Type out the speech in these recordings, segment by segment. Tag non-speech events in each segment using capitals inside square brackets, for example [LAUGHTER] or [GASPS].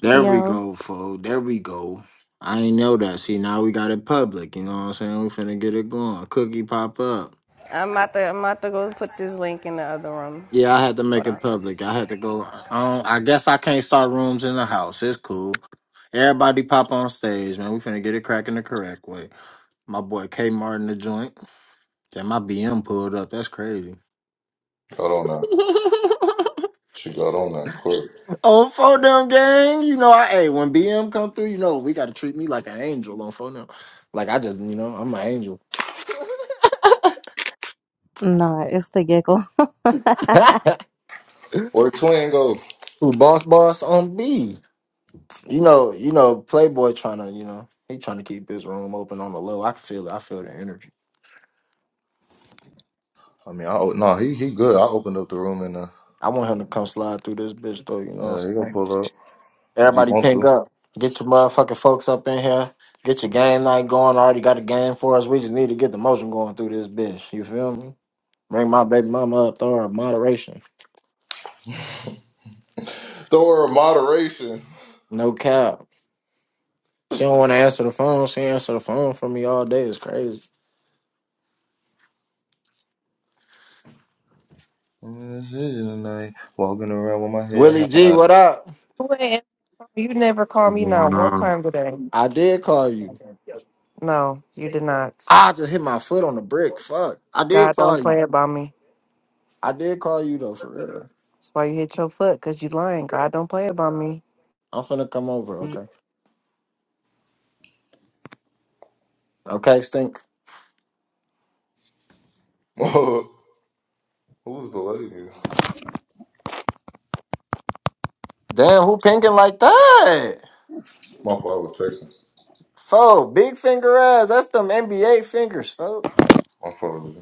There we Yo, go, fo. There we go. I ain't know that. See, now we got it public. You know what I'm saying? We finna get it going. Cookie pop up. I'm about to I'm about to go put this link in the other room. Yeah, I had to Hold make on. it public. I had to go. Um, I guess I can't start rooms in the house. It's cool. Everybody pop on stage, man. We finna get it cracking the correct way. My boy K Martin the joint. Damn, my BM pulled up. That's crazy. Got on that. [LAUGHS] She got on that quick. Oh, for them gang, you know, I hey, when BM come through, you know, we gotta treat me like an angel on phone now. Like I just, you know, I'm an angel. [LAUGHS] nah, it's the giggle. [LAUGHS] [LAUGHS] Where Twin go? Who boss boss on B? You know, you know, Playboy trying to, you know, he trying to keep his room open on the low. I can feel it. I feel the energy. I mean, I no, nah, he he good. I opened up the room and uh, I want him to come slide through this bitch though. You know what yeah, he I'm gonna saying? pull up if he Everybody want pink to. up. Get your motherfucking folks up in here. Get your game night going. I already got a game for us. We just need to get the motion going through this bitch. You feel me? Bring my baby mama up. Throw her moderation. Throw her worry, moderation. No cap. She don't want to answer the phone. She answer the phone for me all day. It's crazy. I'm in the city tonight, walking around with my head Willie G, high. what up? Wait, You never called What's me going not one on? time today. I did call you. No, you did not. I just hit my foot on the brick. Fuck. I did God don't call you. play about me. I did call you though, for real. That's why you hit your foot, cause you lying. God don't play about me. I'm finna come over, okay? Okay, stink. [LAUGHS] Who was the lady? Damn, who pinking like that? My father was texting. Fo, big finger ass. That's them NBA fingers, fo. My father.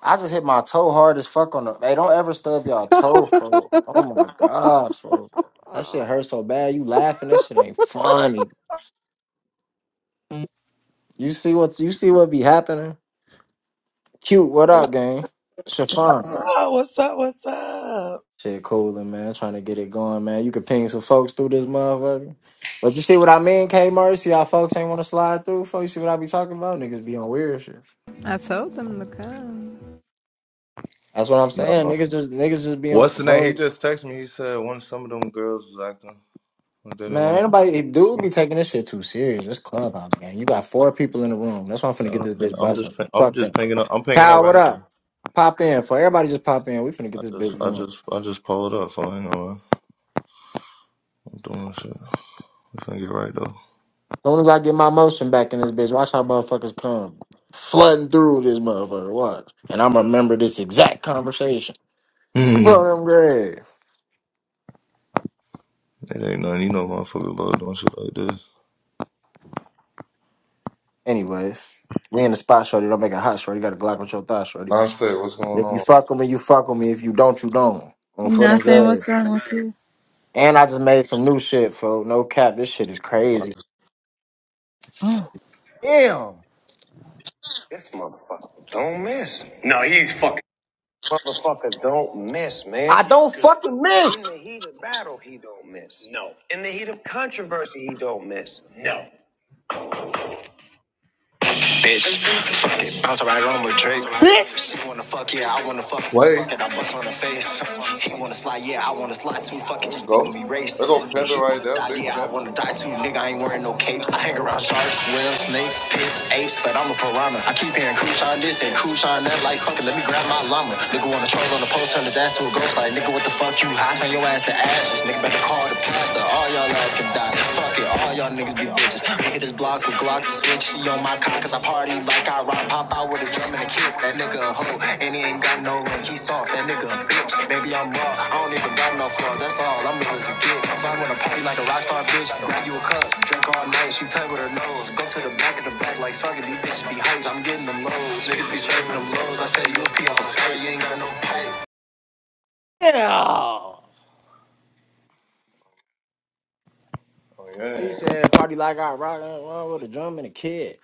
I just hit my toe hard as fuck on the. Hey, don't ever stub y'all toe, fo. Oh my god, fo. That shit hurt so bad. You laughing? That shit ain't funny. You see what's you see what be happening? Cute. What up, gang? Chiffon. What's up? What's up? What's up? Shit, cooling, man. Trying to get it going, man. You could ping some folks through this motherfucker. But you see what I mean, K Mercy? Y'all folks ain't want to slide through. Folks, you see what I be talking about? Niggas be on weird shit. I told them to come. That's what I'm No. saying. Niggas just niggas just be on What's the some name? He hoe. just texted me. He said one of some of them girls was acting. like They didn't Man, want anybody dude to. be taking this shit too serious. This clubhouse, man. You got four people in the room. That's why I'm Yeah, finna I get this don't care. bitch I'm just. busting. ping- I'm Fuck just that. pinging up. I'm pinging up Kyle, what right up? now. Pop in. For everybody just pop in. We finna I get this just. bitch I going. just. I just pulled up. So hang on. I'm doing shit. We finna get right though. soon as I get my motion back in this bitch, watch how motherfuckers come flooding through this motherfucker. Watch. And I'm remember this exact conversation. [LAUGHS] it Fuck them grave. ain't nothing. You know, motherfuckers love doing shit like this. Anyways, we in the spot, shorty. Don't make it hot, shorty. You got a Glock with your thigh, shorty. Nonsense, what's going If you on? fuck with me, you fuck with me. If you don't, you don't. On for them Nothing. What's grave. going on with you? And I just made some new shit, for No cap, this shit is Like, crazy. Oh. Damn. don't fucking miss. In No. Bitch, bounce right on with Drake. Bitch. She wanna fuck, yeah, I wanna fuck. Play. Fuck it, I bust on her face. He wanna slide, yeah, I wanna slide too. Fuck it, There you just leaving go. me I raced. go pimping He right wanna there, die, big yeah, I pimping. wanna die too. Nigga, I ain't wearing no capes. I hang around sharks, whales, snakes, pits, apes, but I'm a piranha. I keep hearing cruise on this and cruise on that. Like, fuck it, let me grab my llama. Nigga wanna try on the post, turn his ass to a ghost. Like, nigga, what the fuck you hot? Turn your ass to ashes. Nigga, better call the pastor. All y'all ass can die. Fuck it, all y'all niggas be bitches. I Hit this block with Glocks and switch. See on my cock, cause I party like I rock. Pop out with a drum and a kick. That nigga a hoe, and he ain't got no ring. He soft, that nigga a bitch. Maybe I'm raw, I don't even got no flaws. That's all, I'm real as a kid. If I wanna party like a rock star bitch, grab you a cup, drink all night. She play with her nose. Go to the back of the back like fuck it, these bitches be hyped. I'm getting them lows. Niggas be serving them lows. I say you a P off a skirt, you ain't got no pipe. Yeah. Oh He yeah. said, party like I rock and with a drum and a kid.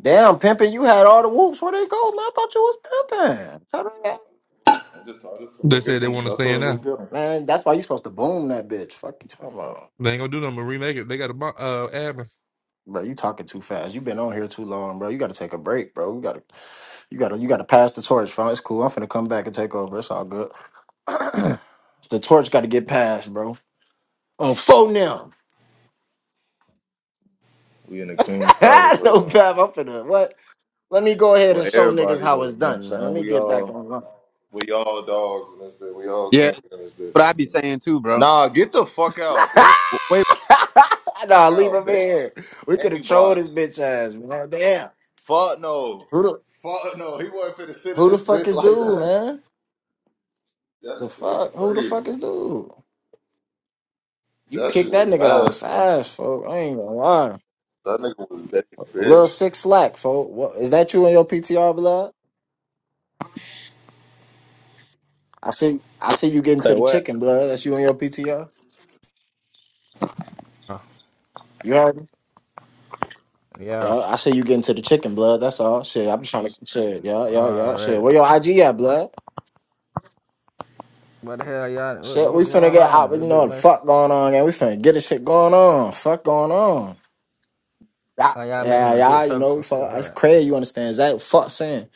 Damn, pimping, you had all the whoops. Where they go, man? I thought you was pimping. Tell them that. I just I just to They go get said they them. want to I stay told in him go there. get them. Man, that's why you supposed to boom that bitch. Fuck you talking about. They ain't gonna do nothing but remake it. They got a bu- uh, album. Bro, you talking too fast. you been on here too long, bro. You gotta take a break, bro. You gotta you gotta you gotta pass the torch, fam. It's cool. I'm finna come back and take over. It's all good. [CLEARS THROAT] the torch gotta get passed, bro. On phone now. We in the King's [LAUGHS] Palace right no now. Pav, I'm finna what? Let me go ahead Well, and show niggas everybody how it's though, you know what I'm done, man. Let saying? me We get back all on. we all dogs in this bitch. We all Yeah, kings that's in this bitch. what I be saying too, bro. Nah, get the fuck out, bitch. W- Wait, [LAUGHS] nah, Fuck leave out, him bitch. here. We could And have you trolled his blocked. bitch ass, man. Damn. Fuck no. Who the Fuck no. He wasn't finna sit in who the this fuck bitch is like dude, that. man? That The shit fuck? Who the fuck crazy. is dude? You That shit kicked that was nigga out nasty. fast, folk. I ain't gonna lie. That nigga was dead Lil bitch. six slack, folk. What is that you in your PTR blood? I see I see you getting Say to the what? chicken blood. That's you in your PTR. Uh, You heard me? Yeah, Yeah, I see you getting to the chicken blood. That's all. Shit, I'm just trying to shit. Yeah, yeah, yeah. Shit. already. Where your IG at, blood? What the hell, y'all? What, Shit, what we finna going get out. on? You They know bit what the mess. fuck going on, and we finna get this shit going on. Fuck going on. Yeah, Are y'all yeah, making a yeah. group You chat or know, we some shit like fuck. That's that? crazy. You understand? Zach, fuck saying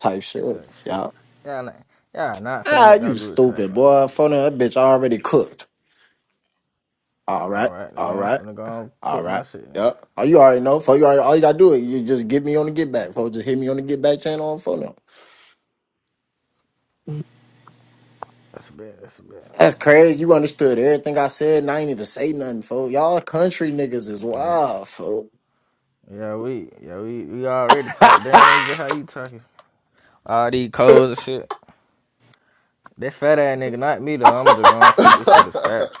type It's shit. like shit. Yeah. Y'all, not, y'all not finna Ah, make no you group chat, stupid man. boy. Phone that bitch already cooked. All All right, right, all then I'm right, finna go and all put my right. shit in. Yep. Oh, you already know. For you already, all you gotta do is you just get me on the get back. Folks, just hit me on the get back channel on phone. now. That's bad. That's bad. That's crazy. You understood everything I said, and I ain't even say nothing, folks. Y'all country niggas is Um, wild, folks. yeah, we, yeah, we, we already talked down [LAUGHS] there. Just how you talking? All these codes and shit. That fat ass nigga, not me though. I'm just gonna keep this shit a stack. [LAUGHS]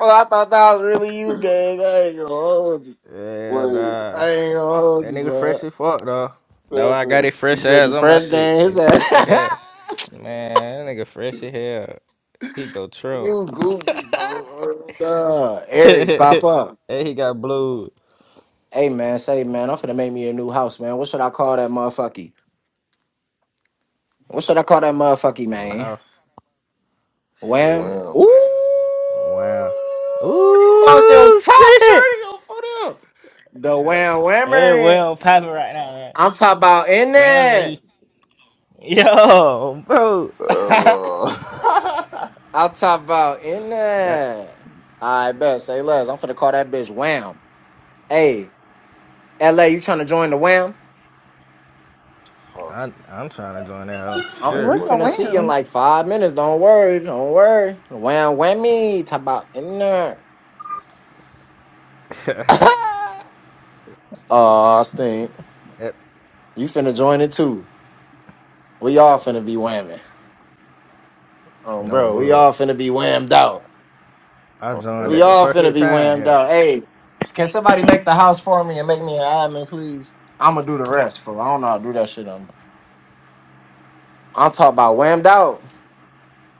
Well, I thought that was really you, gang. I ain't gonna hold you. Yeah, Wait, nah. I ain't gonna hold That you, nigga fresh blood. as fuck though. No, I got baby. it You fresh said he ass on my fresh shit. gang. His It ass. fresh as [LAUGHS] hell. [TSK] Man, that nigga fresh as hell. He go true. you goofy, bro. Duh. [LAUGHS] Aries, and pop up. he got blue. Hey, man, say, man, I'm finna make me a new house, man. What should I call that motherfucky? What should I call that motherfucky, man? Wow. Wham? Shit. Wow. Ooh! Wow. You lost your Ooh top shit. shorty, your foot up. The wham Hey, whammer. well popping right now, man. I'm talking about in there. Whammy. [LAUGHS] Yo, bro. [LAUGHS] That, uh, I'll top about in Yeah, there. All right, bet. Say less. I'm finna call that bitch Wham. Hey, LA, you tryna join the Wham? [LAUGHS] I, tough. I'm trying to join that hoe for I'm Nice sure. you Where's work finna right see there. in Atlanta? like five minutes. Don't worry. Don't worry. Wham whammy. Top about in there. [COUGHS] [LAUGHS] [LAUGHS] Oh, stink. Yep, You finna join it too. We all finna be whamming. Um, no bro, we bull. all finna be whammed out. I Oh, joined yeah. We at the all finna perfect be time. whammed Hell. out. Hey, can somebody make the house for me and make me an admin, please? I'ma do the rest, fool. I don't know how to do that shit no more. I'm talking about whammed out.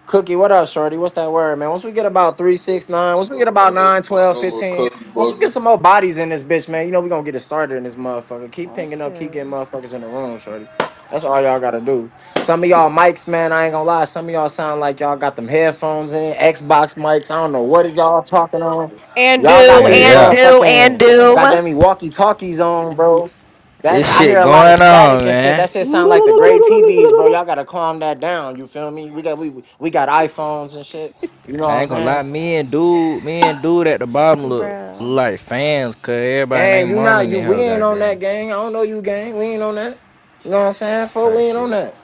Cookie, what up, Shorty? What's that word, man? Once we get about three, six, nine, I once we go, get about I go, nine, I twelve, go little fifteen, cookie once we get buggy. some more bodies in this bitch, man, you know we gonna get it started in this motherfucker. Keep Oh pinging up, keep shit. getting motherfuckers in the room, Shorty. That's all y'all gotta do. Some of y'all mics, man, I ain't gonna lie. Some of y'all sound like y'all got them headphones in, Xbox mics. I don't know what are y'all talking on. And Y'all do got Yeah, these yeah. and do and motherfucking do. goddamn walkie talkies on, bro. That This I hear shit a lot of going static on, and shit. man. That shit sound like the gray TVs, bro. Y'all gotta calm that down. You feel me? We got we we got iPhones and shit. You know I what I'm ain't gonna saying? lie, me and dude, me and dude at the bottom look, look Bruh. like fans, cause everybody Gang, named you mommy not in the you. We hell ain't got on green. that gang. I don't know you, gang. We ain't on that. You know what I'm saying? For we Type ain't on shit. that.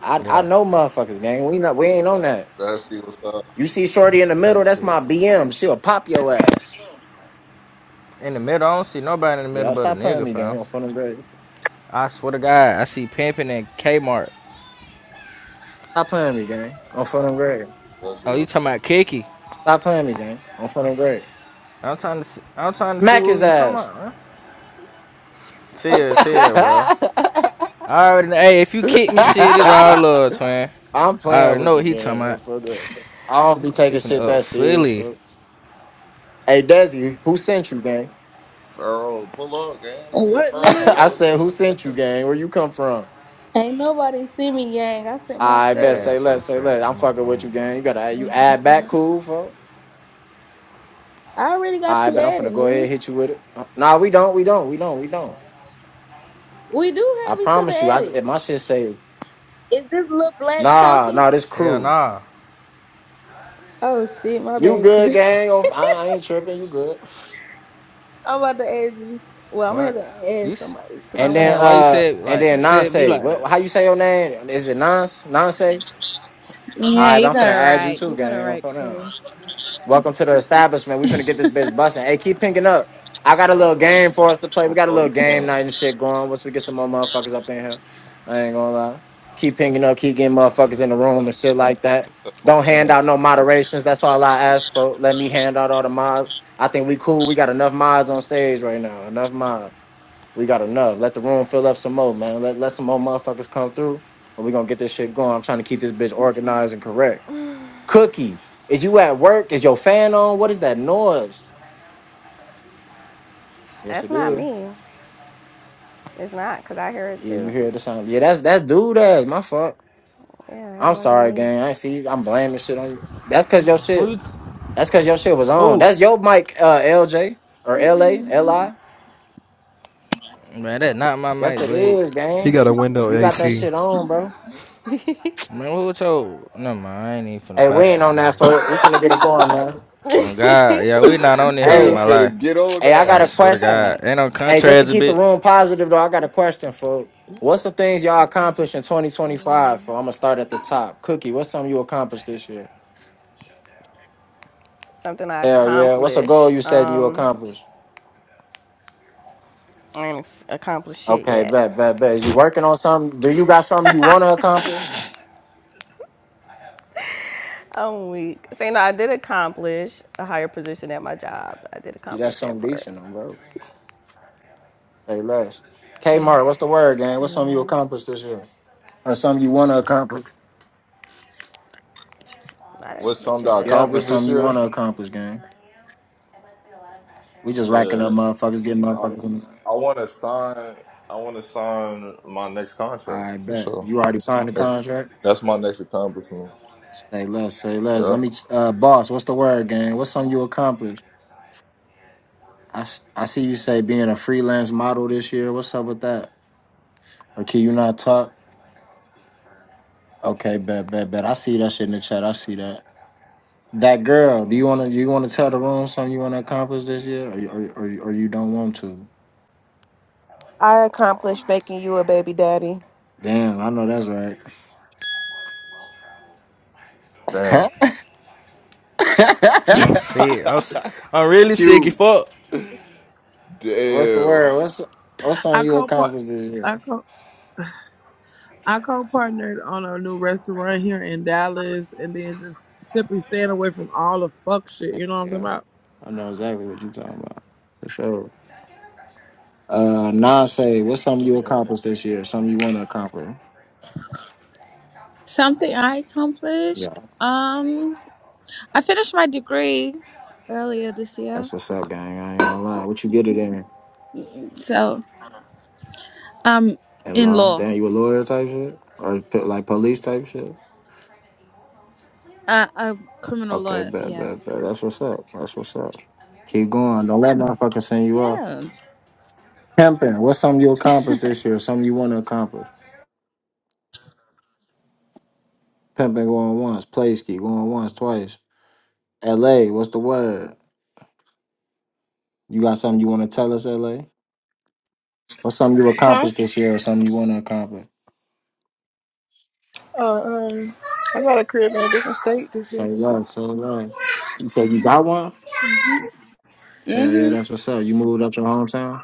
I I Yeah, know motherfuckers, gang. We not we ain't on that. Let's see what's up. You see Shorty in the middle? type That's shit. my BM. She'll pop your ass. In the middle, I don't see nobody in the middle Yeah, but a stop playing nigga, me, gang. fam. I'm feeling great. I swear to God, I see pimping and Kmart. Stop playing me, gang. I'm feeling great. Let's see Oh, you what's talking about Kiki? Stop playing me, gang. I'm feeling great. I'm trying to, see, I'm trying to see Smack what his you talking ass. about, man. Chill, chill, bro. [LAUGHS] I already, know- hey, if you [LAUGHS] kick me, shit, it's [LAUGHS] all love, twin. I'm I playing already with know you, what he gang. talking yo, about. For real. I don't be She taking from shit up that serious, Philly. folks. Hey, Desi, who sent you, gang? Furrow, pull up, man. You see a What [LAUGHS] furrow, nigga? I Paul. You said, want who to say sent you, that? gang? Where you come from? Ain't nobody see me, gang. I sent I That bet. myself. Say ass so less. Say fat. less. I'm I'm my fucking with mama, you, bro. gang. You gotta you add back, cool, folks. I already got I you bet I'm added, finna go ahead nigga. and hit you with it. Uh, Nah, we don't. We don't. We don't. We don't. We do I have each other promise you. I added. if my shit say Is this little black nah, talking? nah. This Hell crew. nah. Oh shit, my You bad, good, Chris. gang? Oh, I I ain't tripping. You good? [LAUGHS] I'm about to add you. Well, I'm What? gonna have to You? add s- somebody because I'm I And want then to saying keep why you uh said and you like then safe. said Nance. me like that? What how you say your name? Is it Nance? Nance? Alright, Yeah, I'm you finna got it add you right. too, You got it gang. I'm right, finna- Chris. Welcome to the establishment. We finna get this bitch busting. Hey, keep picking up. I got a little game for us to play. We I'm got a Pulling little game night and shit going. Once we get some more motherfuckers up in here. I ain't gonna lie. Keep pinging up, keep getting motherfuckers in the room and shit like that. Don't down. hand out no moderations. That's all I ask for. Let me hand out all the mods. I think we cool. We got enough mods on stage right now. Enough mods. We got enough. Let the room fill up some more, man. Let let some more motherfuckers come through, and we gonna get this shit going. I'm trying to keep this bitch organized and correct. Cookie, is you at work? Is your fan on? What is that noise? Yes, That's it not is. me. It's not, because I hear it Yeah, you too. hear the sound. Yeah, that's that's dude ass. My fault. Yeah, it I'm wasn't sorry, me. gang. I ain't see. you. I'm blaming shit on you. That's cause your Who you shit. t- That's cause your shit was on. who? That's your mic, uh, LJ or LA, LI. Man, that not my Yes, mic, it Blade. is, He gang. got a window You got that AC. shit on, bro. [TSK] Man, who told? No man, I ain't even finna Hey, we pop it ain't in on that, there. They folk. We finna get it going, man. On God, yeah, we not on there on Hey, was my finna life. get on Hey, I got I a that. swear to question. God, ain't on Hey, just to contracts a keep the bit. room positive though, I got a question for what's some things y'all accomplished in 2025? So I'm gonna start at the top. Cookie, what's something you accomplished this year? Something I Hell yeah. What's a goal you accomplished. set and you Um, accomplished? I ain't accomplished shit Okay, yet. bet, bet, bet. Is you working on something? Do you got something you wanna accomplish? I'm weak. So, you know, I did accomplish a higher position at my job. I did See, accomplish that's that something part. decent on bro. Say less. Kmart, what's the word, gang? What's something you Yeah. accomplished this year? Or something you wanna accomplish? Not this What's bitch something to ass Yep, or accomplish nigga. this something you year? wanna accomplish, gang. We just racking up Shit. motherfuckers, getting I, motherfuckers. I wanna sign I wanna sign my next contract I for bet sure. you already signed the That's, contract. that's my next accomplishment. Say less, say less. Yeah. Let me, uh, boss. What's the word, gang? What's something you accomplished? I, s- I see you say being a freelance model this year. What's up with that? Or can you not talk? Okay, bet, bet, bet. I see that shit in the chat. I see that. That girl. Do you wanna you wanna tell the room something you wanna accomplish this year, or you- or you- or, you- or you don't want to? I Oh, accomplished making you a baby daddy. Damn, I know that's right. Damn. [LAUGHS] I'm [LAUGHS] sick. I'm, s- I'm really sick. You Cute. fuck. What's the Damn. word? What's what's I something you co accomplished this I year? co I co partnered on a new restaurant here in Dallas, and then just simply staying away from all the fuck shit. You know what Yeah. I'm talking about? I know exactly what you're fuck. talking about. For sure. Uh nah say, what's something you Yeah. accomplished this year? Something you wanna accomplish. Something I Yeah. accomplished. Um, I finished my degree earlier this year. That's what's up, gang. I ain't gonna lie. What you get it in? So, um, In in law? law, Damn, you a lawyer type shit? Or p- like police type shit? uh, um, criminal Okay, law. bet, Yeah. bet, bet. That's what's up. That's what's up. Keep going. Don't let motherfucker send you off. Yeah. Pimping, what's something you accomplished this year? Something you wanna accomplish. Pimping going once, play ski going once, twice. LA, what's the word? You got something you wanna tell us, LA? What's something you Huh? accomplished this year or something you want to accomplish? Uh, um, I got a crib in a different state this year. Say what? Say what? You said you got one? Yeah, yeah, Mm-hmm. that's what's up. You moved up your hometown?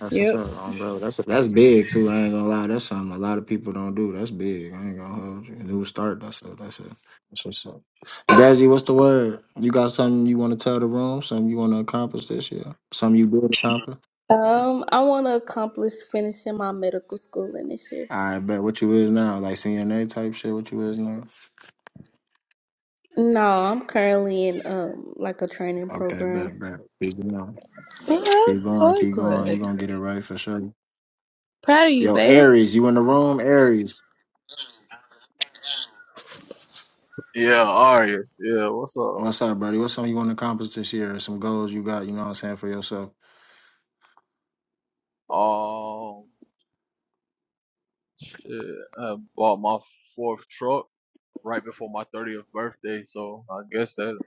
That's what's Yep. up, um, bro. That's that's big too. I ain't gonna lie. That's something a lot of people don't do. That's big. I ain't gonna hold you. New start. That's it. That's it. That's what's up. Dazzy, what's the word? You got something you want to tell the room? Something you want to accomplish this year? Something you did accomplish? Um, I want to accomplish finishing my medical schooling this year. All right, bet. What you is now? Like CNA type shit? What you is now? No, I'm currently in um like a training Okay, program. bet, bet. Peace out. Oh, Keep that's going, so keep going. you good. gonna get it right for sure. Proud of you, Yo, babe. Aries, you in the room? Aries. Yeah, Arius. Yeah, what's up? What's up, buddy? What's something you want to accomplish this year? Some goals you got, you know what I'm saying, for yourself. Um, shit, I bought my fourth truck right before my 30th birthday, so I guess that,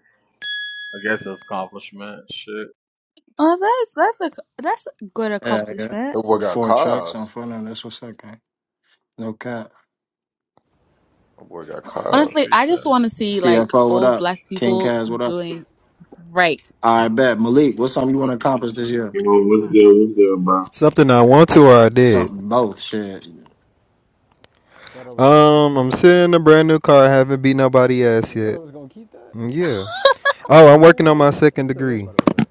I guess that's accomplishment. Shit, Oh, that's that's a that's a good Yeah, yeah. accomplishment. That boy got Four trucks on cars. front end. That's what's up, gang. No cap. That boy got [CLEARS THROAT] cars. Honestly, I appreciate just it. want to see like CFO, what all up? black King people Kaz, what up? doing great. I bet. Malik, what's something you want to accomplish this year? You know, what's good, what's good, bro? Something I want to or I did. Something both shit. Thought I was gonna keep Um, this. I'm sitting in a What? brand new car. I haven't beat nobody ass You thought I yet. was gonna keep that? Mm, What? Yeah. I'm Oh, I'm waiting there working on like my what the- second it's still lit degree. by the way, but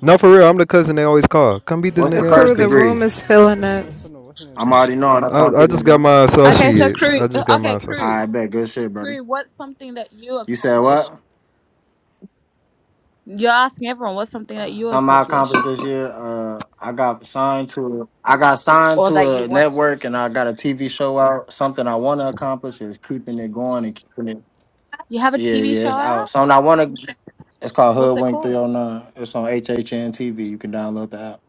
No, for real. I'm the cousin they always call. Come beat this What's The the nigga ass. crew, first the That's degree? me. room is I'm about filling to, I up. was putting the what's the names I'm over already here. knowing. That's I, why I'm I keeping So it just got niggas can going. my sit Okay, back where so they associates. crew. I just got posted Okay, my up. crew. I associate. bet. Good shit, buddy. Cree, what's something that you You said accomplished? what? You're asking everyone what's something that you something I accomplished accomplished this year. Uh, I got signed to a, I got signed or to that you a want to. network, and I got a TV show out. Something I want to accomplish is keeping it going and keeping it. You have a Yeah, TV yeah, show it's out. out? Something I want to. It's called What's it Hoodwink Three called? Hundred Nine. It's on HHN TV. You can download the app.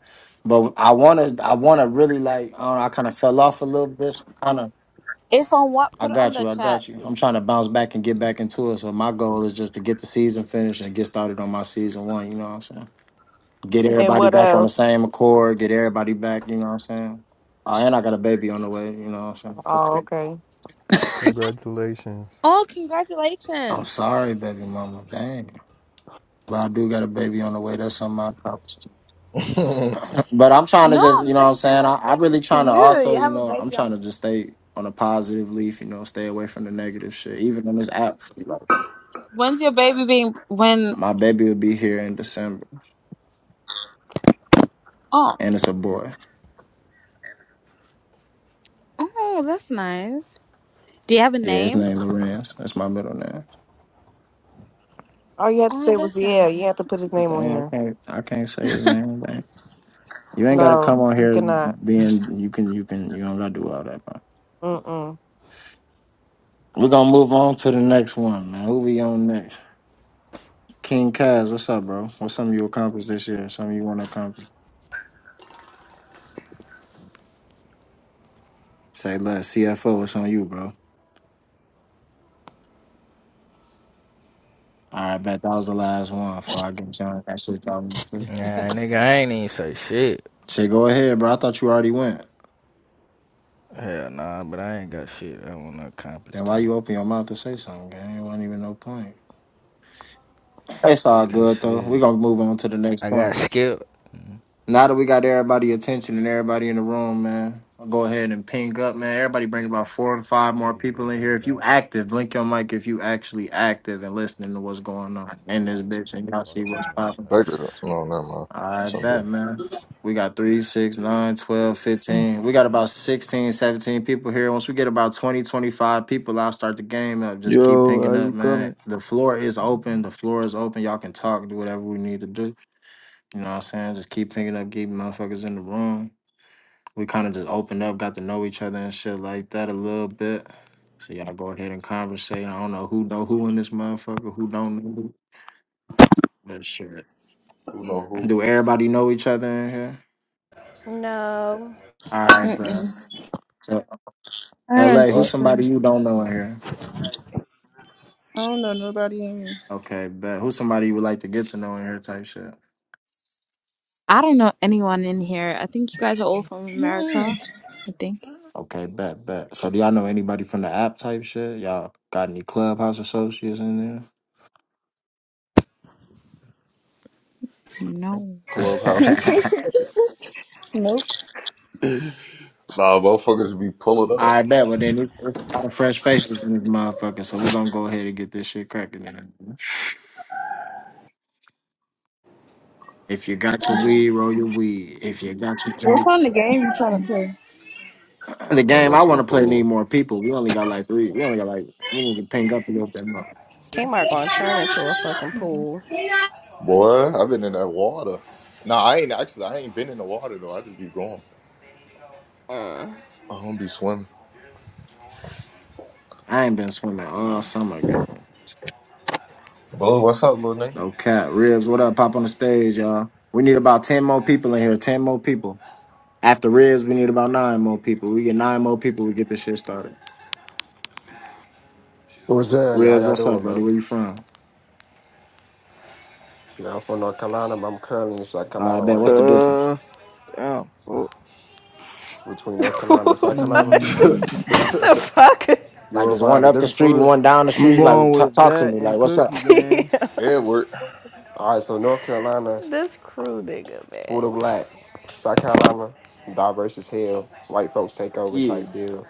But I want to. I want to really like. I, don't know, I kind of fell off a little bit. Kind of. It's on what? I Put it on got the you. I chat. got you. I'm trying to bounce back and get back into it. So my goal is just to get the season finished and get started on my season one. You know what I'm saying? Get And everybody what back on the else? same accord. Get everybody back. You know what I'm saying? Oh, and I got a baby on the way. You know what I'm Oh, okay. saying? Congratulations, Oh, [LAUGHS] I'm congratulations. sorry, baby mama. Dang. But I do got a baby on the way. That's on my promise. [LAUGHS] [LAUGHS] But I'm trying to No, just, I'm you know what I'm saying saying? I, I really congratulations to trying to you. You also, you have a know, I'm baby on trying to the. just stay on a positive leaf, you know, stay away from the negative shit. Even on this app, like, When's your baby being when my baby will be here in December. Oh. And it's a boy. Oh, that's nice. Do you have a Yeah, his name? name Lorenz. That's my middle name. All you had to Oh, say was that's yeah. nice. You have to put his name on Damn, here. I can't I can't say his name. You ain't gotta No, come on you here cannot. being you can you can you don't gotta do all that, bro. Mm We're gonna move on to the next one, man. Who we on next? King Kaz, what's up, bro? What's something you accomplished this year? Something you wanna accomplish? Say less. CFO, It's on you, bro? All right, bet that was the last one before I get John that shit talking to. Nah, nigga, I ain't even say shit. Shit, go ahead, bro. I thought you already went. Hell nah, but I ain't got shit I wanna accomplish Then why time. you open your mouth to say something? Gang? It wasn't even no point. It's all Cause good though. We're shit, gonna move on to the next I point. got skipped. Mm-hmm. Now that we got everybody attention and everybody in the room, man, I'll go ahead and ping up, man. Everybody bring about four to five more Make it a people in bigger here. If you bag. active, blink your mic if you actually active and listening to what's going on in this bitch and y'all see Fucking what's all popping. the Like that. untouchables. no, never mind. I bet, Something. man. We got three, six, nine, twelve, fifteen. We got about 16, 17 people here. Once we get about 20, 25 people, I'll start the game up. Just keep Yo, pinging how you up, man. coming? The floor is open. The floor is open. Y'all can talk, do whatever we need to do. You know what I'm saying? Just keep picking up, keep motherfuckers in the room. We kind of just opened up, got to know each other and shit like that a little bit. So y'all go ahead and conversate. I don't know who know who in this motherfucker, who don't know. who, But shit. Who know who? Do everybody know each other in here? No. All right, bro. Mm-mm. So You I said LA, don't think who's what? so. somebody you don't know in here? I don't know nobody in. Okay, bet. Who's somebody you would like to get to know in here type shit? I don't know anyone in here. I think you guys are all from America. Mm-mm. I think. Okay, bet, bet. So do y'all know anybody from the app type shit? Y'all got any clubhouse associates in No. Clubhouse there? [LAUGHS] Associates. [LAUGHS] nope. [LAUGHS] Nah, motherfuckers be pulling up. I bet. Well, then it's, it's a lot of fresh faces in this motherfucker. So we're gonna go ahead and get this shit cracking. Then. If you got your weed, roll your weed. If you got your What drink, kind of game you trying [CLEARS THROAT] to the Gonna game go I to the want to play need pool. more people. We only got like three. We only got like we need to ping up a little bit more. Kmart gonna turn into a fucking pool. play? Boy, I've been in that water. Nah, I ain't actually. I ain't been in the water though. I just be going. Uh. I don't be swimming. I ain't been swimming all summer. Goddamn. Well, what's up, little No cap, ribs. What up? Pop on the stage, y'all. We need about ten more people in here. Ten more people. After Ribs, we need about nine more people. We get nine more people, we get this shit started. What's up? How Ribs, y'all what's up, doing, buddy? man? Where you from? Shit, I'm from North Carolina, but I'm currently in South I Carolina bet. right What's the now. difference? Uh, damn, fuck. Between North [LAUGHS] Carolina and South Carolina, what Mm, [LAUGHS] the nigga? fuck? you Like, want to it's find out one the up the difference street for and real? one down the I'm street? going Like, t- with talk to that me. Like, and what's up? Cookie Gang. [LAUGHS] [LAUGHS] Edward. All right, so North Carolina, This crew nigga, full of man. blacks. South Carolina, diverse as hell. White folks take over Yeah. type deal.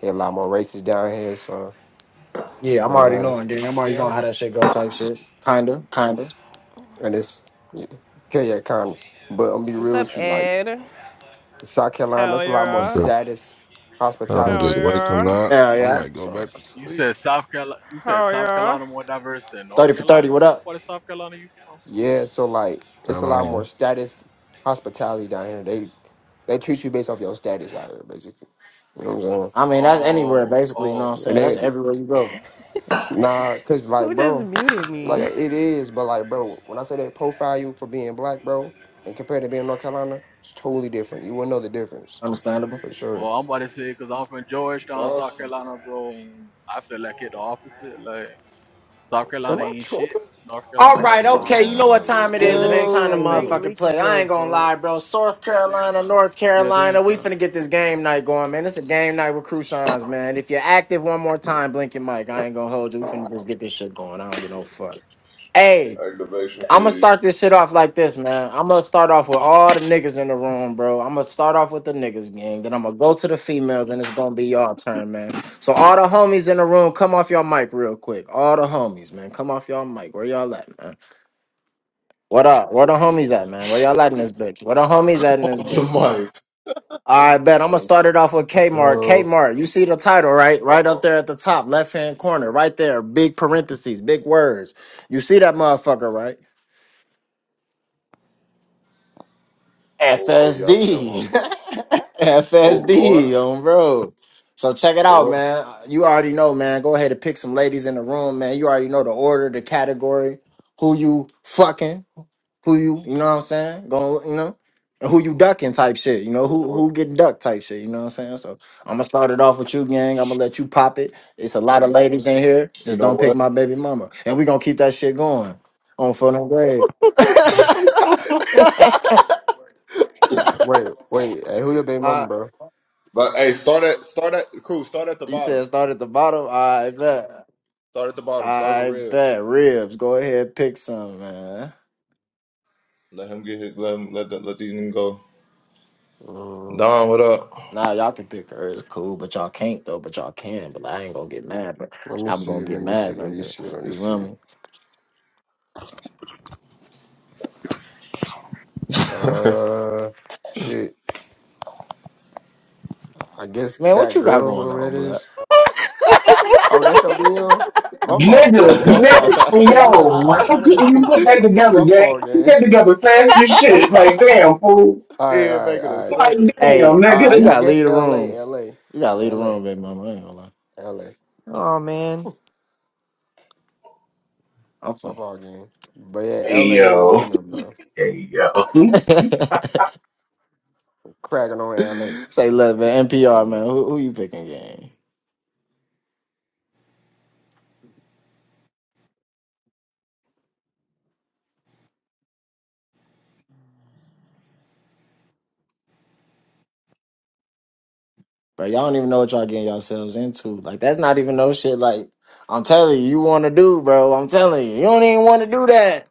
They a lot more races down here, so, Yeah, you I'm know what I'm already saying? knowing, gang. I'm already Yeah, I'm knowing how that shit go type shit. Kinda, kinda. And it's, yeah, yeah, kind of. But I'm gonna be What's real up, with you, like, Ed? South Carolina, Hell that's a lot more I'm yeah. good. status, I'm Hell good. hospitality. Wake him yeah. up. Yeah, I yeah. might go So, back to You sleep. said South Carolina, you said Hell South yeah. Carolina more diverse than North 30 for 30, Carolina? what What up? part of South Carolina you from? Yeah, so like it's a lot Hello. more status hospitality down here. They they treat you based off your status out here, basically. You know what I I'm mean, that's anywhere, Oh, basically. You know what I'm oh. saying? saying? That's And they everywhere you go. nah, cause like Who just bro, muted like me? [LAUGHS] it is, but like bro, when I say they profile you for being black, bro, and compared to being North Carolina, it's totally different. You wouldn't know the difference Understandable. for Well, sure. I'm about to say because I'm from Georgetown, South frosty. Carolina, bro, and I feel like it the opposite. Like, South Am Carolina I ain't shit. tripping? North All Carolina got right, it going okay. Listen on. You to know what another time it Hey, is? It ain't make, time to hey, make Yo, motherfucking Leaky play. I go, ain't gonna fuck. lie, bro. South Carolina, North Yeah, do your Carolina. We thing. finna get this game night going, man. It's a game night with Crucians, man. If you're active one more time, blink your mic. I ain't gonna hold you. We finna just get this shit going. I don't get no fuck. Hey, activation I'm gonna feed. start this shit off like this, man. I'm gonna start off with all the niggas in the room, bro. I'm gonna start off with the niggas gang. Then I'm gonna go to the females, and it's gonna be y'all turn, man. So all the homies in the room, come off your mic real quick. All the homies, man, come off your mic. Where y'all at, man? What up? Where the homies at, man? Where y'all at in this bitch? Where the homies at in this Off the bitch? mic. All right, bet. I'm gonna start it off with Kmart. yo, Kmart, you see the title, right? Uh Right up oh. there at the top, left hand corner, right there, big parentheses, big words. You see that motherfucker, right? Oh, oh, yeah, I see that FSD. motherfucker. Oh FSD [LAUGHS] Lord, on bro. So check it out, Lord, man. You already know, man. Go ahead and pick some ladies in the room, man. You already know the order, the category, who you fucking. who you you know what I'm saying going you know and who you ducking type shit you know oh who Lord. who getting ducked type shit you know what I'm saying so I'm gonna start it off with you gang I'm gonna let you pop it it's a lot of ladies in here You just know don't pick my what? baby mama and we gonna keep that shit going on for no grade [LAUGHS] mm. [LAUGHS] wait, wait, hey, who your baby mama, uh, bro? But hey, start at start at cool. Start at the you bottom. said start at the bottom I bet Start at the bottom. Start with I ribs. bet ribs go ahead pick some man Let him get his, let him let the, let these niggas go. Uh, Don, what up? Nah, y'all can pick her. It's cool, but y'all can't though. But y'all can. But like, I ain't gonna get mad. But let me I'm see, gonna get let me see, mad. let Like me see, let me you see. feel me? Uh, shit. I guess Man, what that you got girl, going whoever on, that blood? is. Oh, that's your BM? My fault, Nigga, fault. My nigga, fault. and [LAUGHS] Hey, look, I, yo, I was how trying to be couldn't you [LAUGHS] put that together, my gang? fault, I put gang. that [LAUGHS] together fast as shit. Like, [LAUGHS] damn, fool. he All right, ain't all right, making a all right. Like, second, fool. damn, hey, That's you funny. I, nigga. I gotta guess leave the LA, room. LA, You gotta leave the LA, room, big mama. I ain't gonna lie. LA. oh man. I'm My fuck. fault, gang. But yeah, Hey, LA yo. won them, bro. Hey, yo. Cracking on LA. I [LAUGHS] Say, look, man. NPR, don't know. man. Who, who you picking, gang? Bro, y'all don't even know what y'all getting yourselves into. Like, that's not even no shit. Like, I'm telling you, you want to do, bro. I'm telling you, you don't even want to do that.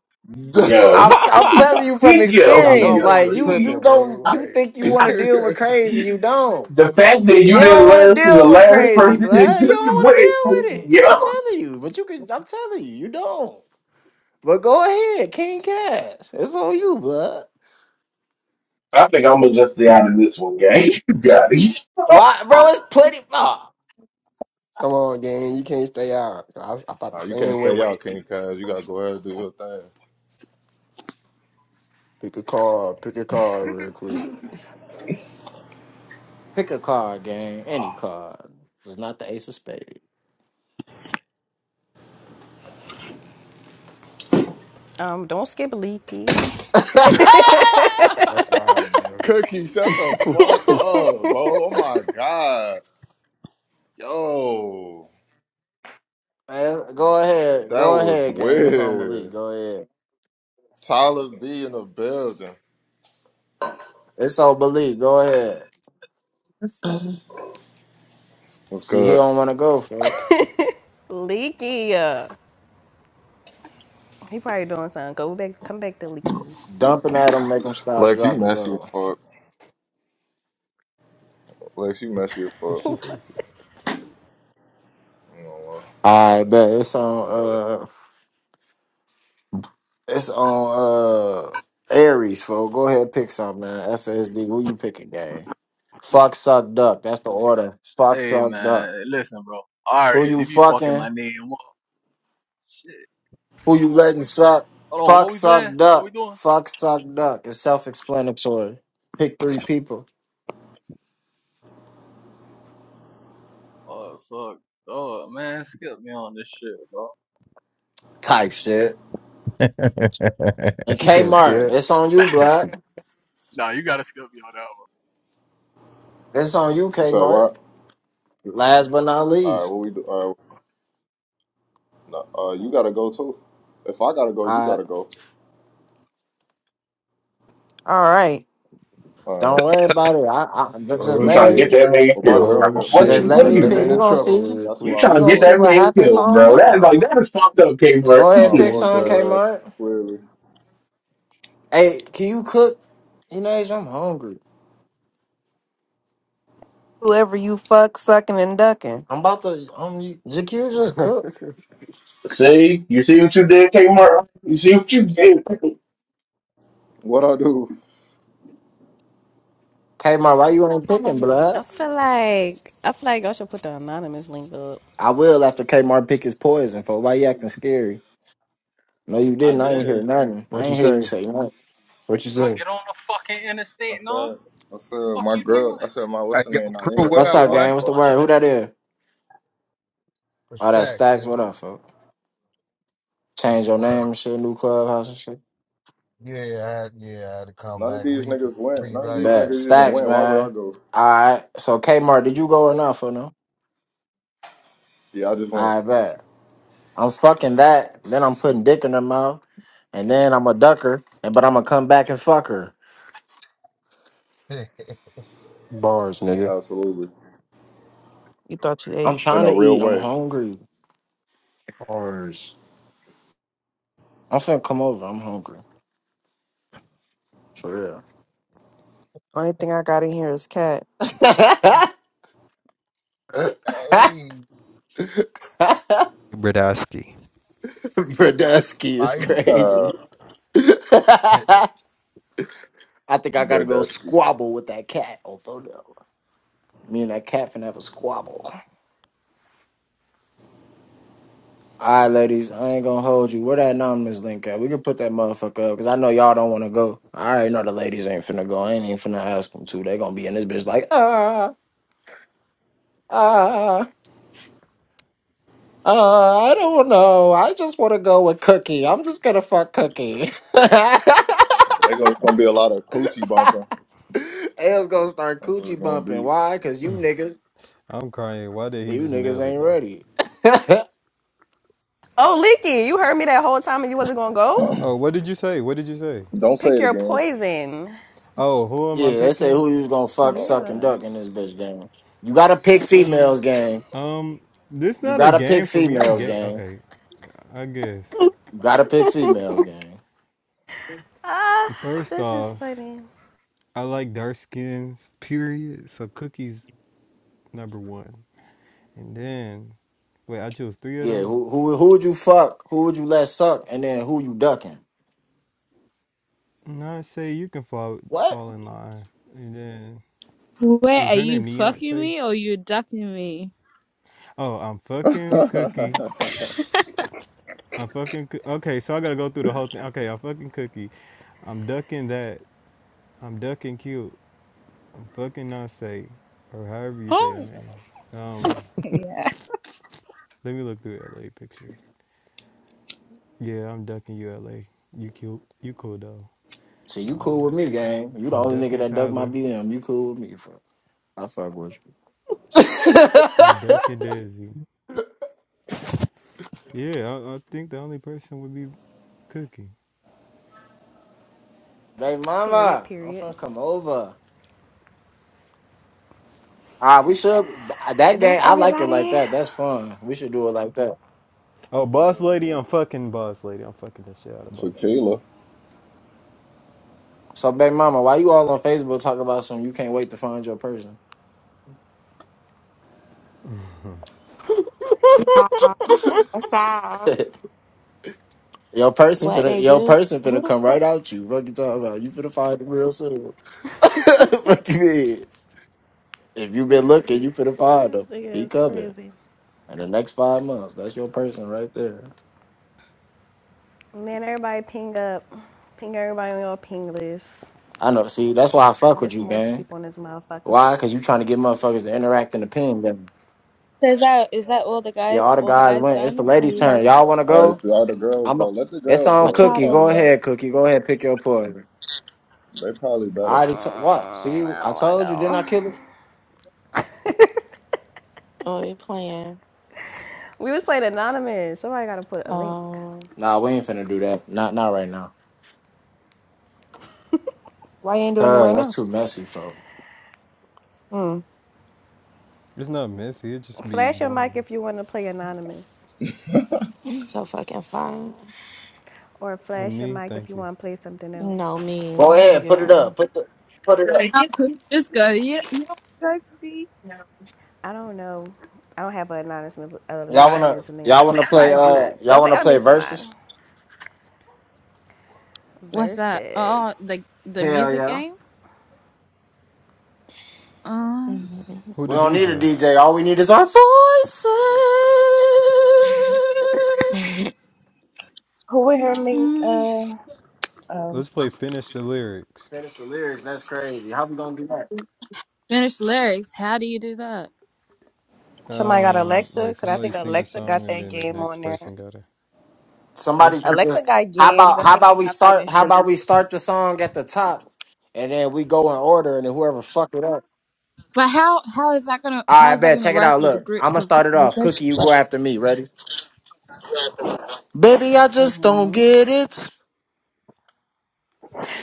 Yo. I'm, I'm telling [LAUGHS] you from Yo. Y'all know I experience. Yo. Like, wasn't you, tripping, you don't, bro. you think you Like, want to deal with [LAUGHS] crazy, you don't. The fact that You you didn't don't want to learn from the deal with last crazy, person is blood. You just don't want went, to deal with it. I'm yo. telling you, but you can. I'm telling you, you don't. But go ahead, King Cash. It's on you, blood. I think I'm gonna just stay out of this one, gang. [LAUGHS] You got it. Why, bro? It's plenty. ah, come on, gang. You can't stay out. I, I thought the Nah, you can't same stay way. out, King Kaz. You gotta go ahead and do your thing. Pick a car, pick a car real quick. pick a card, gang. Any card. It's not the Ace of Spades. Um, don't skip Leaky. That's wild, [LAUGHS] Cookie, shut the man. fuck up, bro. Oh my god. Yo, Man, go ahead. that Go was ahead, gang. It's on Malik. weird. Go ahead. Tyler B in the building. It's on Malik. Go ahead. That's so What's See, he good? don't want to go, for Leaky. uh, He probably doing something. Go back come back to Leaky. Dumping at him, make him stop, Lex, you drop, and messy as roll. fuck. Lex, you messy as [LAUGHS] [LAUGHS] fuck. I You know what? I bet it's You on. know that. Uh, it's on. Uh, Aries, fo. Go ahead, pick something, man. FSD. Who you picking, gang? Fuck, suck, duck. That's the order. Fuck, Hey suck, duck. man, listen, bro. All right, Who you you be fucking fucking? my name up, shit. Who you letting suck? Hold on, what Fuck, we suck, playing? What we duck. doing? Fuck, suck, duck. It's self explanatory. Pick three people. Oh, suck. Oh man, skip me on this shit, bro. Type shit. And You said Kmart, scared. it's on you, Black. Nah, you gotta skip me on that one, It's on you, You said Kmart. what? Last but not All right, least. what we do? Uh, no, uh, you gotta go too. If I gotta go, you I gotta go. All right. All right. don't worry about it. I, I but just Oh You let trying to me get shit. that man Well, my killed, bro. girl Oh here, my What just you, with shit. You my let what got are to me get girl you that not pick. man You doing? in here, gonna so trouble see. real that's who You quick. I'll trying You to be gonna get see fucking. that what man happened. killed, Calm bro. That is down. like that is fucked up, Kmart. Go I ahead, It don't pick ain't fuck some safe. just Kmart. clearly. Hey, can you cook? You know, I'm hungry. Whoever you fuck, sucking and ducking. I'm about to um Jakir [LAUGHS] just cook. [LAUGHS] see, you see what you did, Kmart? You see what you did? What I do? Kmart, why you ain't picking, blood? feel like I feel like I should put the anonymous link up. I will after Kmart pick his poison for why you acting scary. No, you I didn't. I ain't did. hear nothing. I what you ain't hear you say? say nothing. What you bro. say? Get on the fucking I interstate, no? said. I said Fuck my you girl. doing? I said my Hey, what's the yo, name not in crew, here. what That's What's up, who up, I'll boy? be gang? Mute What's the my fucking. shit. word? Who that is? What's Oh, that stacks, Stacks. What nigga? up, folk? What's Change the your name word? and shit. New clubhouse and shit. Yeah, I had, yeah, I had to come None of back, these re niggas went. None of these reevaluate. Bet niggas even Stacks, went. Why would I man. go? All right. So Kmart, did you go or not for no? Yeah, I just went. I bet. I'm fucking that. Then I'm putting dick in her mouth, and then I'm a ducker. And but I'm gonna come back and fuck her. [LAUGHS] hey, Bars, nigga. Absolutely. You thought you I'm ate. In trying a to real eat. I'm way. hungry. Bars. I'm finna come over. I'm hungry. For Only thing I got in here is cat. real. [LAUGHS] Bradowski. Brodusky is spicy. [LAUGHS] Uh, crazy. [LAUGHS] [LAUGHS] I think I gotta go Bradesky. squabble with that cat. Although no. me and that cat finna have a squabble. All right, ladies, I ain't gonna hold you. Where that anonymous link at? We can put that motherfucker up because I know y'all don't want to go. I already know the ladies ain't finna go. I ain't even finna ask them to. They gonna be in this bitch like ah ah. ah. I don't know. I just want to go with Cookie. I'm just gonna fuck Cookie. [LAUGHS] They gonna, it's gonna be a lot of coochie bumping. L's gonna start That's what it's coochie gonna bumping. be. Why? Cause you niggas, I'm crying. Why did he you just niggas nail it ain't though? ready. [LAUGHS] yeah, Oh Leaky, you heard me that whole time and you wasn't gonna [CLEARS THROAT] go? Oh, what did you say? What did you say? Don't say Pick it your again. poison. Oh, who am I they say picking? who you was gonna fuck, Uh suck, and Yeah. duck in this bitch game. You gotta pick females game. Um, this You not a gotta pick game for me. I'm females gay. game. Okay, I guess. You gotta pick females game. Ah, uh, First this is off, funny. I like dark skins, period. So cookies number one. And then wait, I chose three of Yeah, them. who who who would you fuck? Who would you let suck? And then who you ducking? Not say you can fall What? fall in line. And then Wait, is are her you name fucking Neonce? me or you ducking me? Oh, I'm fucking cookie. oh. [LAUGHS] I'm fucking Coo- okay. So I gotta go through the whole thing. Okay, I'm fucking cookie. I'm ducking that. I'm ducking cute. I'm fucking Nonce or however you say your Oh, name. Um, yeah. let me look through LA pictures. Yeah, I'm ducking you, LA. You cute. You cool though. See, you cool Um, with me, gang. You the I'm only nigga ducking that duck my Tyler. BM. You cool with me, fuck. I fuck with you. [LAUGHS] I'm ducking Desi. Yeah, I, I think the only person would be Cookie. Baby Period, mama, I'm period. finna come over. Ah, we should that That's game. I like it like everybody. that. That's fun. We should do it like that. Oh, Boss Lady, I'm fucking Boss Lady. I'm fucking the shit out of Boss Lady. Tequila. So, baby mama, why you all on Facebook talking about something you can't wait to find your person? Um, What's [LAUGHS] up? your person What finna, they your do? person Who finna the come right fuck? out you. Fuck you talking about? You finna find them real soon. [LAUGHS] Fuck you mean? If you been looking, you finna find This them. thing He is coming crazy. in the next five months. That's your person right there. And then everybody ping up, ping everybody on your ping list. I know. See, that's why I Let's fuck get with some you, more gang. people in this motherfucker. Why? Cause you trying to get motherfuckers to interact in the pin game. So is that is that all the Yeah, guys? all the All the guys guys went. It's the done? Or ladies' you turn. guys? Y'all want to All go? right, so all the girls I'm go. a, Let the it's girls on go. What They y'all Cookie. probably Go doing? better. ahead, Cookie. Go ahead, pick your poison. They probably I better. already told what? Mm, See, I I don't want to told you. Didn't I go. kill him? Oh, you playing? We was playing anonymous. Somebody gotta put a link. Um, Nah, we ain't finna do that. Not not right now. Why you ain't doing it Cause right that's now? too messy, folks. Mm. It's not messy. It just be Flash your mic boring. if you want to play anonymous, [LAUGHS] so fucking fun. or Who flash your me? mic if you Thank you. want to play something else. No, me, Go ahead, put it nigga. up. Put the put it up. No, Cookie, just go. You you don't go, Cookie. I don't know. I don't have an anonymous an Y'all wanna anonymous link. y'all wanna Well, play I uh do, but y'all I'm like, wanna I play need to put mine. verses? What's that? Oh, Versus. the the Hell music yeah. game. Um, Mhm. Who We the don't need a DJ? DJ. All we Uh, need is our voices. [LAUGHS] who would hear me? mm, Uh, oh. Let's play finish the lyrics. Finish the lyrics. That's crazy. How we gonna do that? finish lyrics. How do you do that? Somebody got Um, Alexa, like because I somebody think sing a Alexa got song and that then the game next on there. person gotta. Do somebody she? could Alexa just got how games. about I how think she about we got start finished. how the- about we start the song at the top and then we go in order and then whoever fuck it up. But how how is that gonna All how right, is that bet. gonna Check it work out. with a Look, group I'm gonna of start it like off. Cookie, this you like go after me. Ready? Baby, I just don't Mhm. get it.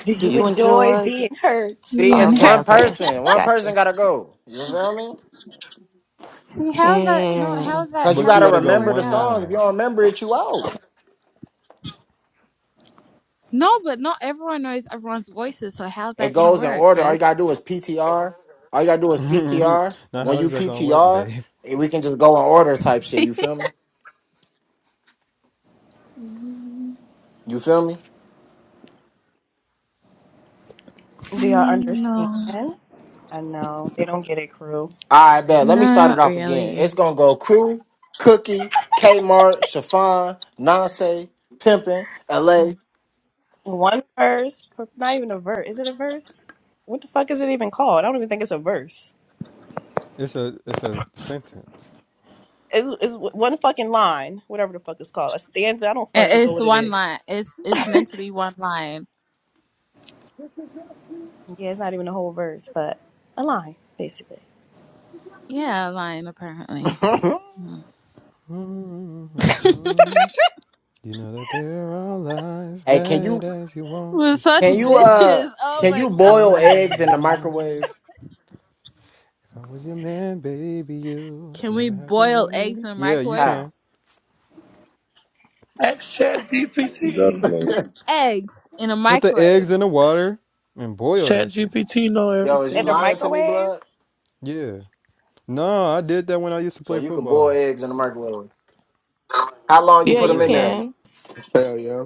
Do do you you enjoy enjoy? being hurt? See, it's teen? Okay, one [LAUGHS] okay, person. One gotcha. person gotta go. You feel me? See, how's that? No, Mm. how's that? Cause you But How's you gotta that gotta gonna go remember work the one out? song. If you line. don't remember it, you out. No, but not everyone knows everyone's voices. So how's that It gonna goes in work, order. babe? All you gotta do is PTR. All you gotta do [LAUGHS] is now PTR. When how is you that gonna work, PTR, babe? we can just go in order type shit. You feel me? You feel me? Do y'all Mm, understand? no, I know they don't get it, crew. All right, bet. Let me start it not off again. It's really. gonna go crew, cookie, Kmart, Chiffon, Nonce, Pimpin, LA. One verse, per- not even a verse. Is it a verse? What the fuck is it even called? I don't even think it's a verse. It's a it's a sentence. It's, it's one fucking line, whatever the fuck it's called. A stanza. I don't It- fucking know It's what it one is. line. It's it's meant to be one line. Yeah, it's not even a whole verse, but a line, basically. Yeah, a line apparently. [LAUGHS] Mm. [LAUGHS] You know that they're all lies, hey, can bad you as you want. We're You such stick can you around, uh bitches. Oh and can I my you just god. boil don't know eggs in the why. microwave? If I was your man, baby, you Can we never have to boil eggs worry. in a Yeah, you microwave? How? can. Ask Chat GPT. [LAUGHS] Definitely. Eggs in a Put the microwave. eggs in the water and boil Chat that shit. GPT know Yo, is you In a everything. lying to me, microwave? blood? Yeah. No, I did that when I used to So play you can boil football. eggs in the microwave. How long you Yeah, put you them in Wow. there? Yes. can. Hell yeah.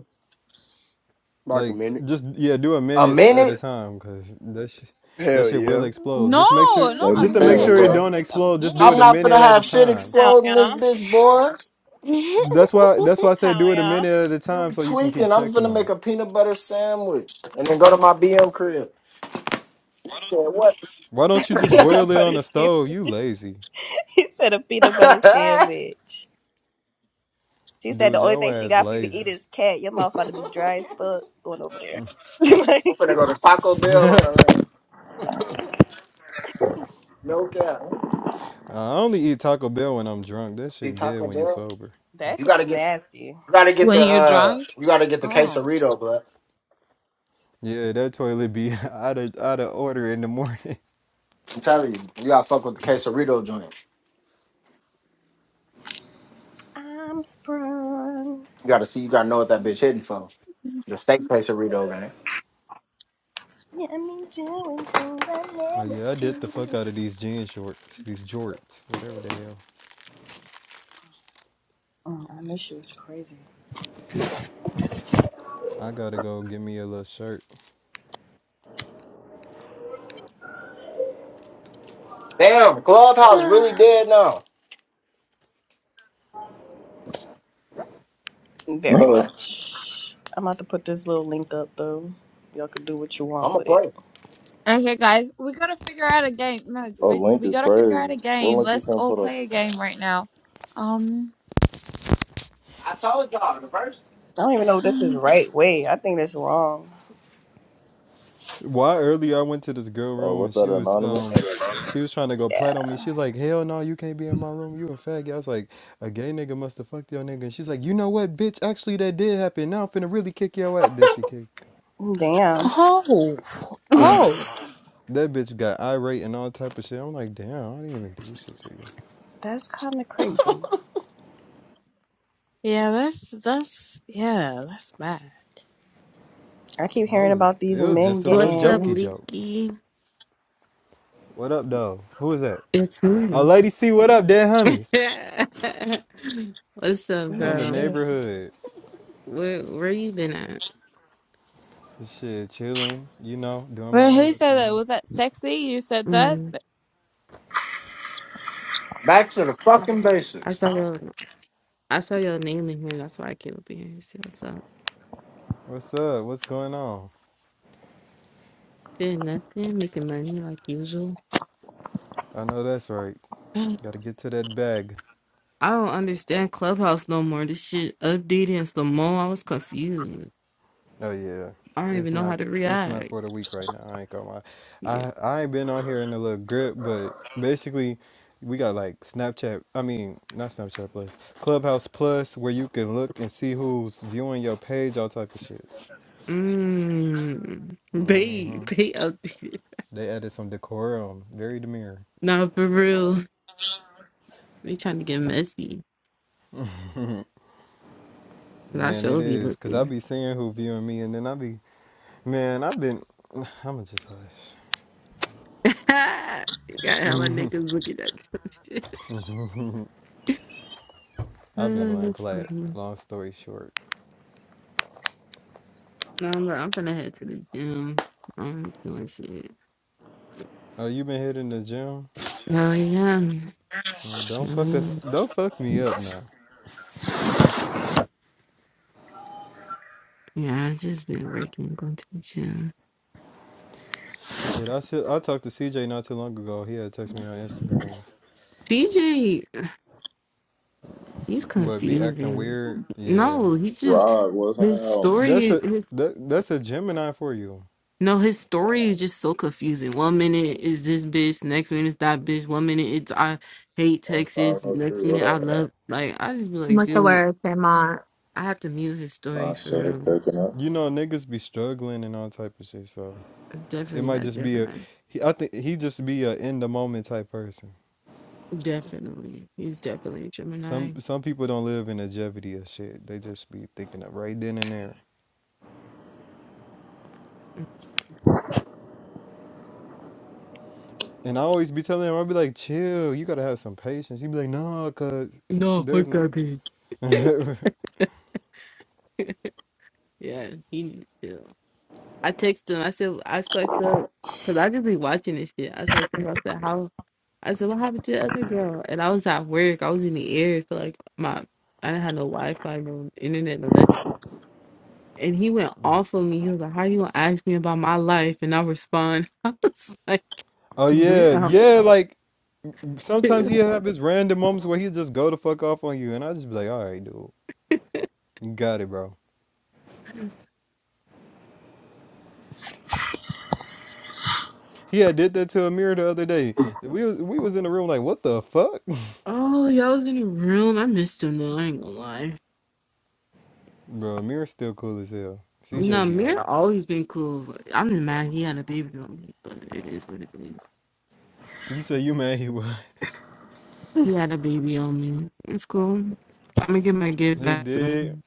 Like, Recommend it. just, yeah, do a A minute at a minute? time, because that shit. That Hell shit yeah. will explode. No, Just make sure, not Lady a C, just to make Hell minute. what's sure I it yeah. up? don't don't think a explode. Just do I'm it a minute. not finna minute at a have shit time. Hell explode in this yeah. bitch, boy. That's why. That's [LAUGHS] why I said Hell do it a yeah. minute at a You time so you can keep tweaking? I'm checking finna on make it. a peanut butter sandwich and then go to my BM crib. You said what? Why don't you [LAUGHS] [LAUGHS] just peanut boil it on butter the stove? You sandwich. lazy, [LAUGHS] he said a peanut butter I'm sandwich. She said the dude. only Your thing she ass got for you to eat lazy. is cat. Your mouth about to be dry as fuck going over there. [LAUGHS] like, finna go to Taco [LAUGHS] Bell on I a rant. No cap. only eat Taco Bell when I'm drunk. That The shit dead Taco when you Bell. sober. that You shit gotta is get nasty. you gotta get When the you're uh drunk. you gotta get the Oh. quesarito, blood. Yeah, that toilet be [LAUGHS] out of out of order in the morning. [LAUGHS] I'm telling you, you gotta fuck with the quesarito joint. I'm sprung. You gotta see you gotta know what that bitch hitting for. The steak quesarito gang. Yeah, me doing things I Oh never yeah, I did the fuck do. out of these jean shorts, these jorts, whatever the hell. Mm, I knew she was crazy. I gotta go get me a little shirt. Damn, Clubhouse really dead now. [SIGHS] [LAUGHS] Very oh, much. I'm about to put this little link up though. Y'all can do what you want I'm a with it. play. Okay, guys, we gotta figure out a game. No, we Link we is gotta figure out crazy. a What game. link you Let's can all put up? play a game right now. Um. I told y'all the first. I don't even know if this is right way. I think that's wrong. Why earlier I went to this girl Oh, room what's and that, she was anonymous? um she was trying to go Yeah. plat on me. She's like, Hell no, you can't be in my room. You a faggot. I was like, a gay nigga must have fucked your nigga. And she's like, you know what, bitch? Actually that did happen. Now I'm finna really kick your ass. Then she kicked. Damn. Oh. Oh. That bitch got irate and all type of shit. I'm like, damn, I didn't even do shit to you. That's kind of crazy. Yeah, that's that's yeah, that's bad. I keep I hearing was about these it was men just a little What's up, getting. jokey joke. Leaky? What up though? Who is that? It's Oh me. lady C, what up, dead [LAUGHS] homies? What's up, Oh On the girl? shit. neighborhood. Where where you been at? Shit, chilling, you know, doing my Well, own who little said that? thing. Was that sexy? You said that? Mm. That Back to the fucking I basics. saw your I saw your name in here. That's why I came up in here. to See what's up? What's up? What's going on? Doing nothing, making money like usual. I know that's right. [GASPS] I Got to get to that bag. don't understand Clubhouse no more. This shit updated and slow mo. I was confused. Oh yeah, I don't it's even know not how to it's not for the react. week right now. I ain't gonna lie. Yeah. I I ain't been on here in a little grip, but basically, we got like Snapchat. I mean, not Snapchat Plus, Clubhouse Plus, where you can look and see who's viewing your page, all type of shit. Mm. [LAUGHS] They they updated. They added some decorum, very demure. Nah, for real. They trying to get messy. 'Cause I Man, it sure be is, cause I looking. be seeing who viewing me, and then I be, man, I've been, [SIGHS] I'ma just hush. [LAUGHS] you got hella niggas looking at your shit. I've been Oh, going that's plat. funny. Long story short. No, but I'm gonna head to the gym. I'm doing shit. Oh, you been hitting the gym? Hell yeah. No, don't Hell fuck us. yeah, Don't fuck me up now. yeah. I've just been working, going to the gym. Shit, I said I talked to CJ not too long ago. He had texted me on Instagram. CJ, he's What be acting confusing. weird? Yeah, No, he just Rod, what's his happening? that's story. a that that's a Gemini for you. No, his story is just so confusing. One minute is this bitch, next minute it's that bitch. One minute it's I hate On time, Texas, no next tree, minute I whatever. love. Like I just be like, what's the dude, word, They're not. I have to mute his story Nah, for shit, real. taking it. You know niggas be struggling and all type of shit. So It's it definitely might not just be a. Gemini. He, I think he just be a in the moment type person. Definitely, he's definitely a Some Gemini. some people don't live in the longevity of shit. They just be thinking of right then and there. And I always be telling him, i be like, chill, you gotta have some patience. he be like, no, cause No, there's fuck no. that bitch. Yeah, he needs to. I text him. I said I sucked up because I just be watching this shit. I sucked up. I said how. I said, "What happened to the other girl?" And I was at work. I was in the air, so like my I didn't have no Wi-Fi, no internet, no nothing. And he went off on me. He was like, "How you gonna ask me about my life?" And I respond, [LAUGHS] "I was like, Oh yeah, damn. yeah, like Sometimes [LAUGHS] he'll have his random moments where he'll just go the fuck off on you, and I just be like, all right, dude, you got it, bro. He had did that to Amir the other day. We was we was in the room like, what the fuck, oh, y'all was in the room. I missed him though. I ain't gonna lie. [LAUGHS] bro? Amir's still cool as hell. No, CJ, be Mir honest. always been cool. I'm just mad he had a baby on me, but it is what it is. You say you mad he was? [LAUGHS] He had a baby on me. It's cool. I'm gonna get my gift He back did. soon.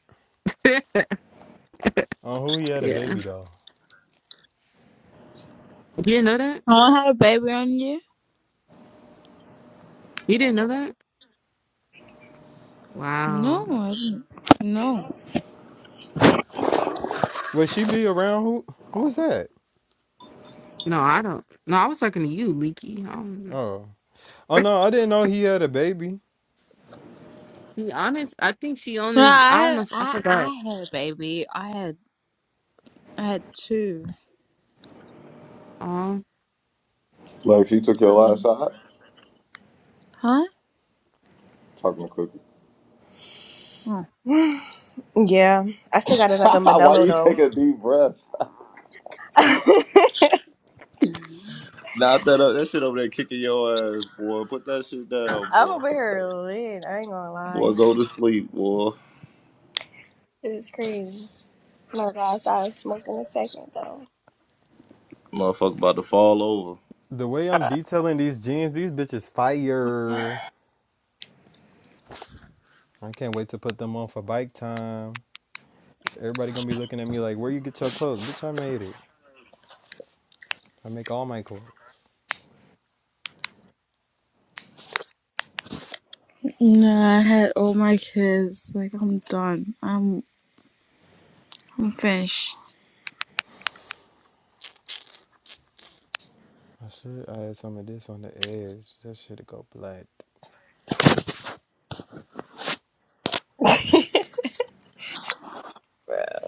[LAUGHS] yeah, On who he had a you baby though? didn't know that? Someone had a baby on you? You didn't know that? No, Wow. I didn't. No. Would she be around? Who who is that? No, I don't. No, I was talking to you, Leaky. Um, Oh, oh no, I didn't know he had a baby. be honest. I think she on No, his. I don't know. I, If, I I, I forgot. had a baby. I had, I had two. Um. Lex, you took your last Huh? shot? Talking to Cookie. Oh. Yeah. I still got it [LAUGHS] like a Why Modelo you take though. a deep breath? [LAUGHS] Knock that up. That shit over there kicking your ass, boy. Put that shit down, I'm boy. over here lit. I ain't gonna lie. Boy, go to sleep, boy. It is crazy. My God, I'm smoking a second though. Motherfucker about to fall over. The way I'm Uh, detailing these jeans, these bitches fire. I can't wait to put them on for bike time. Everybody gonna be looking at me like, where you get your clothes? Bitch, I made it. I make all my clothes. No, I had all my kids. Like, I'm done. I'm, I'm finished. I should I had some of this on the edge. That should go black. [LAUGHS] bro.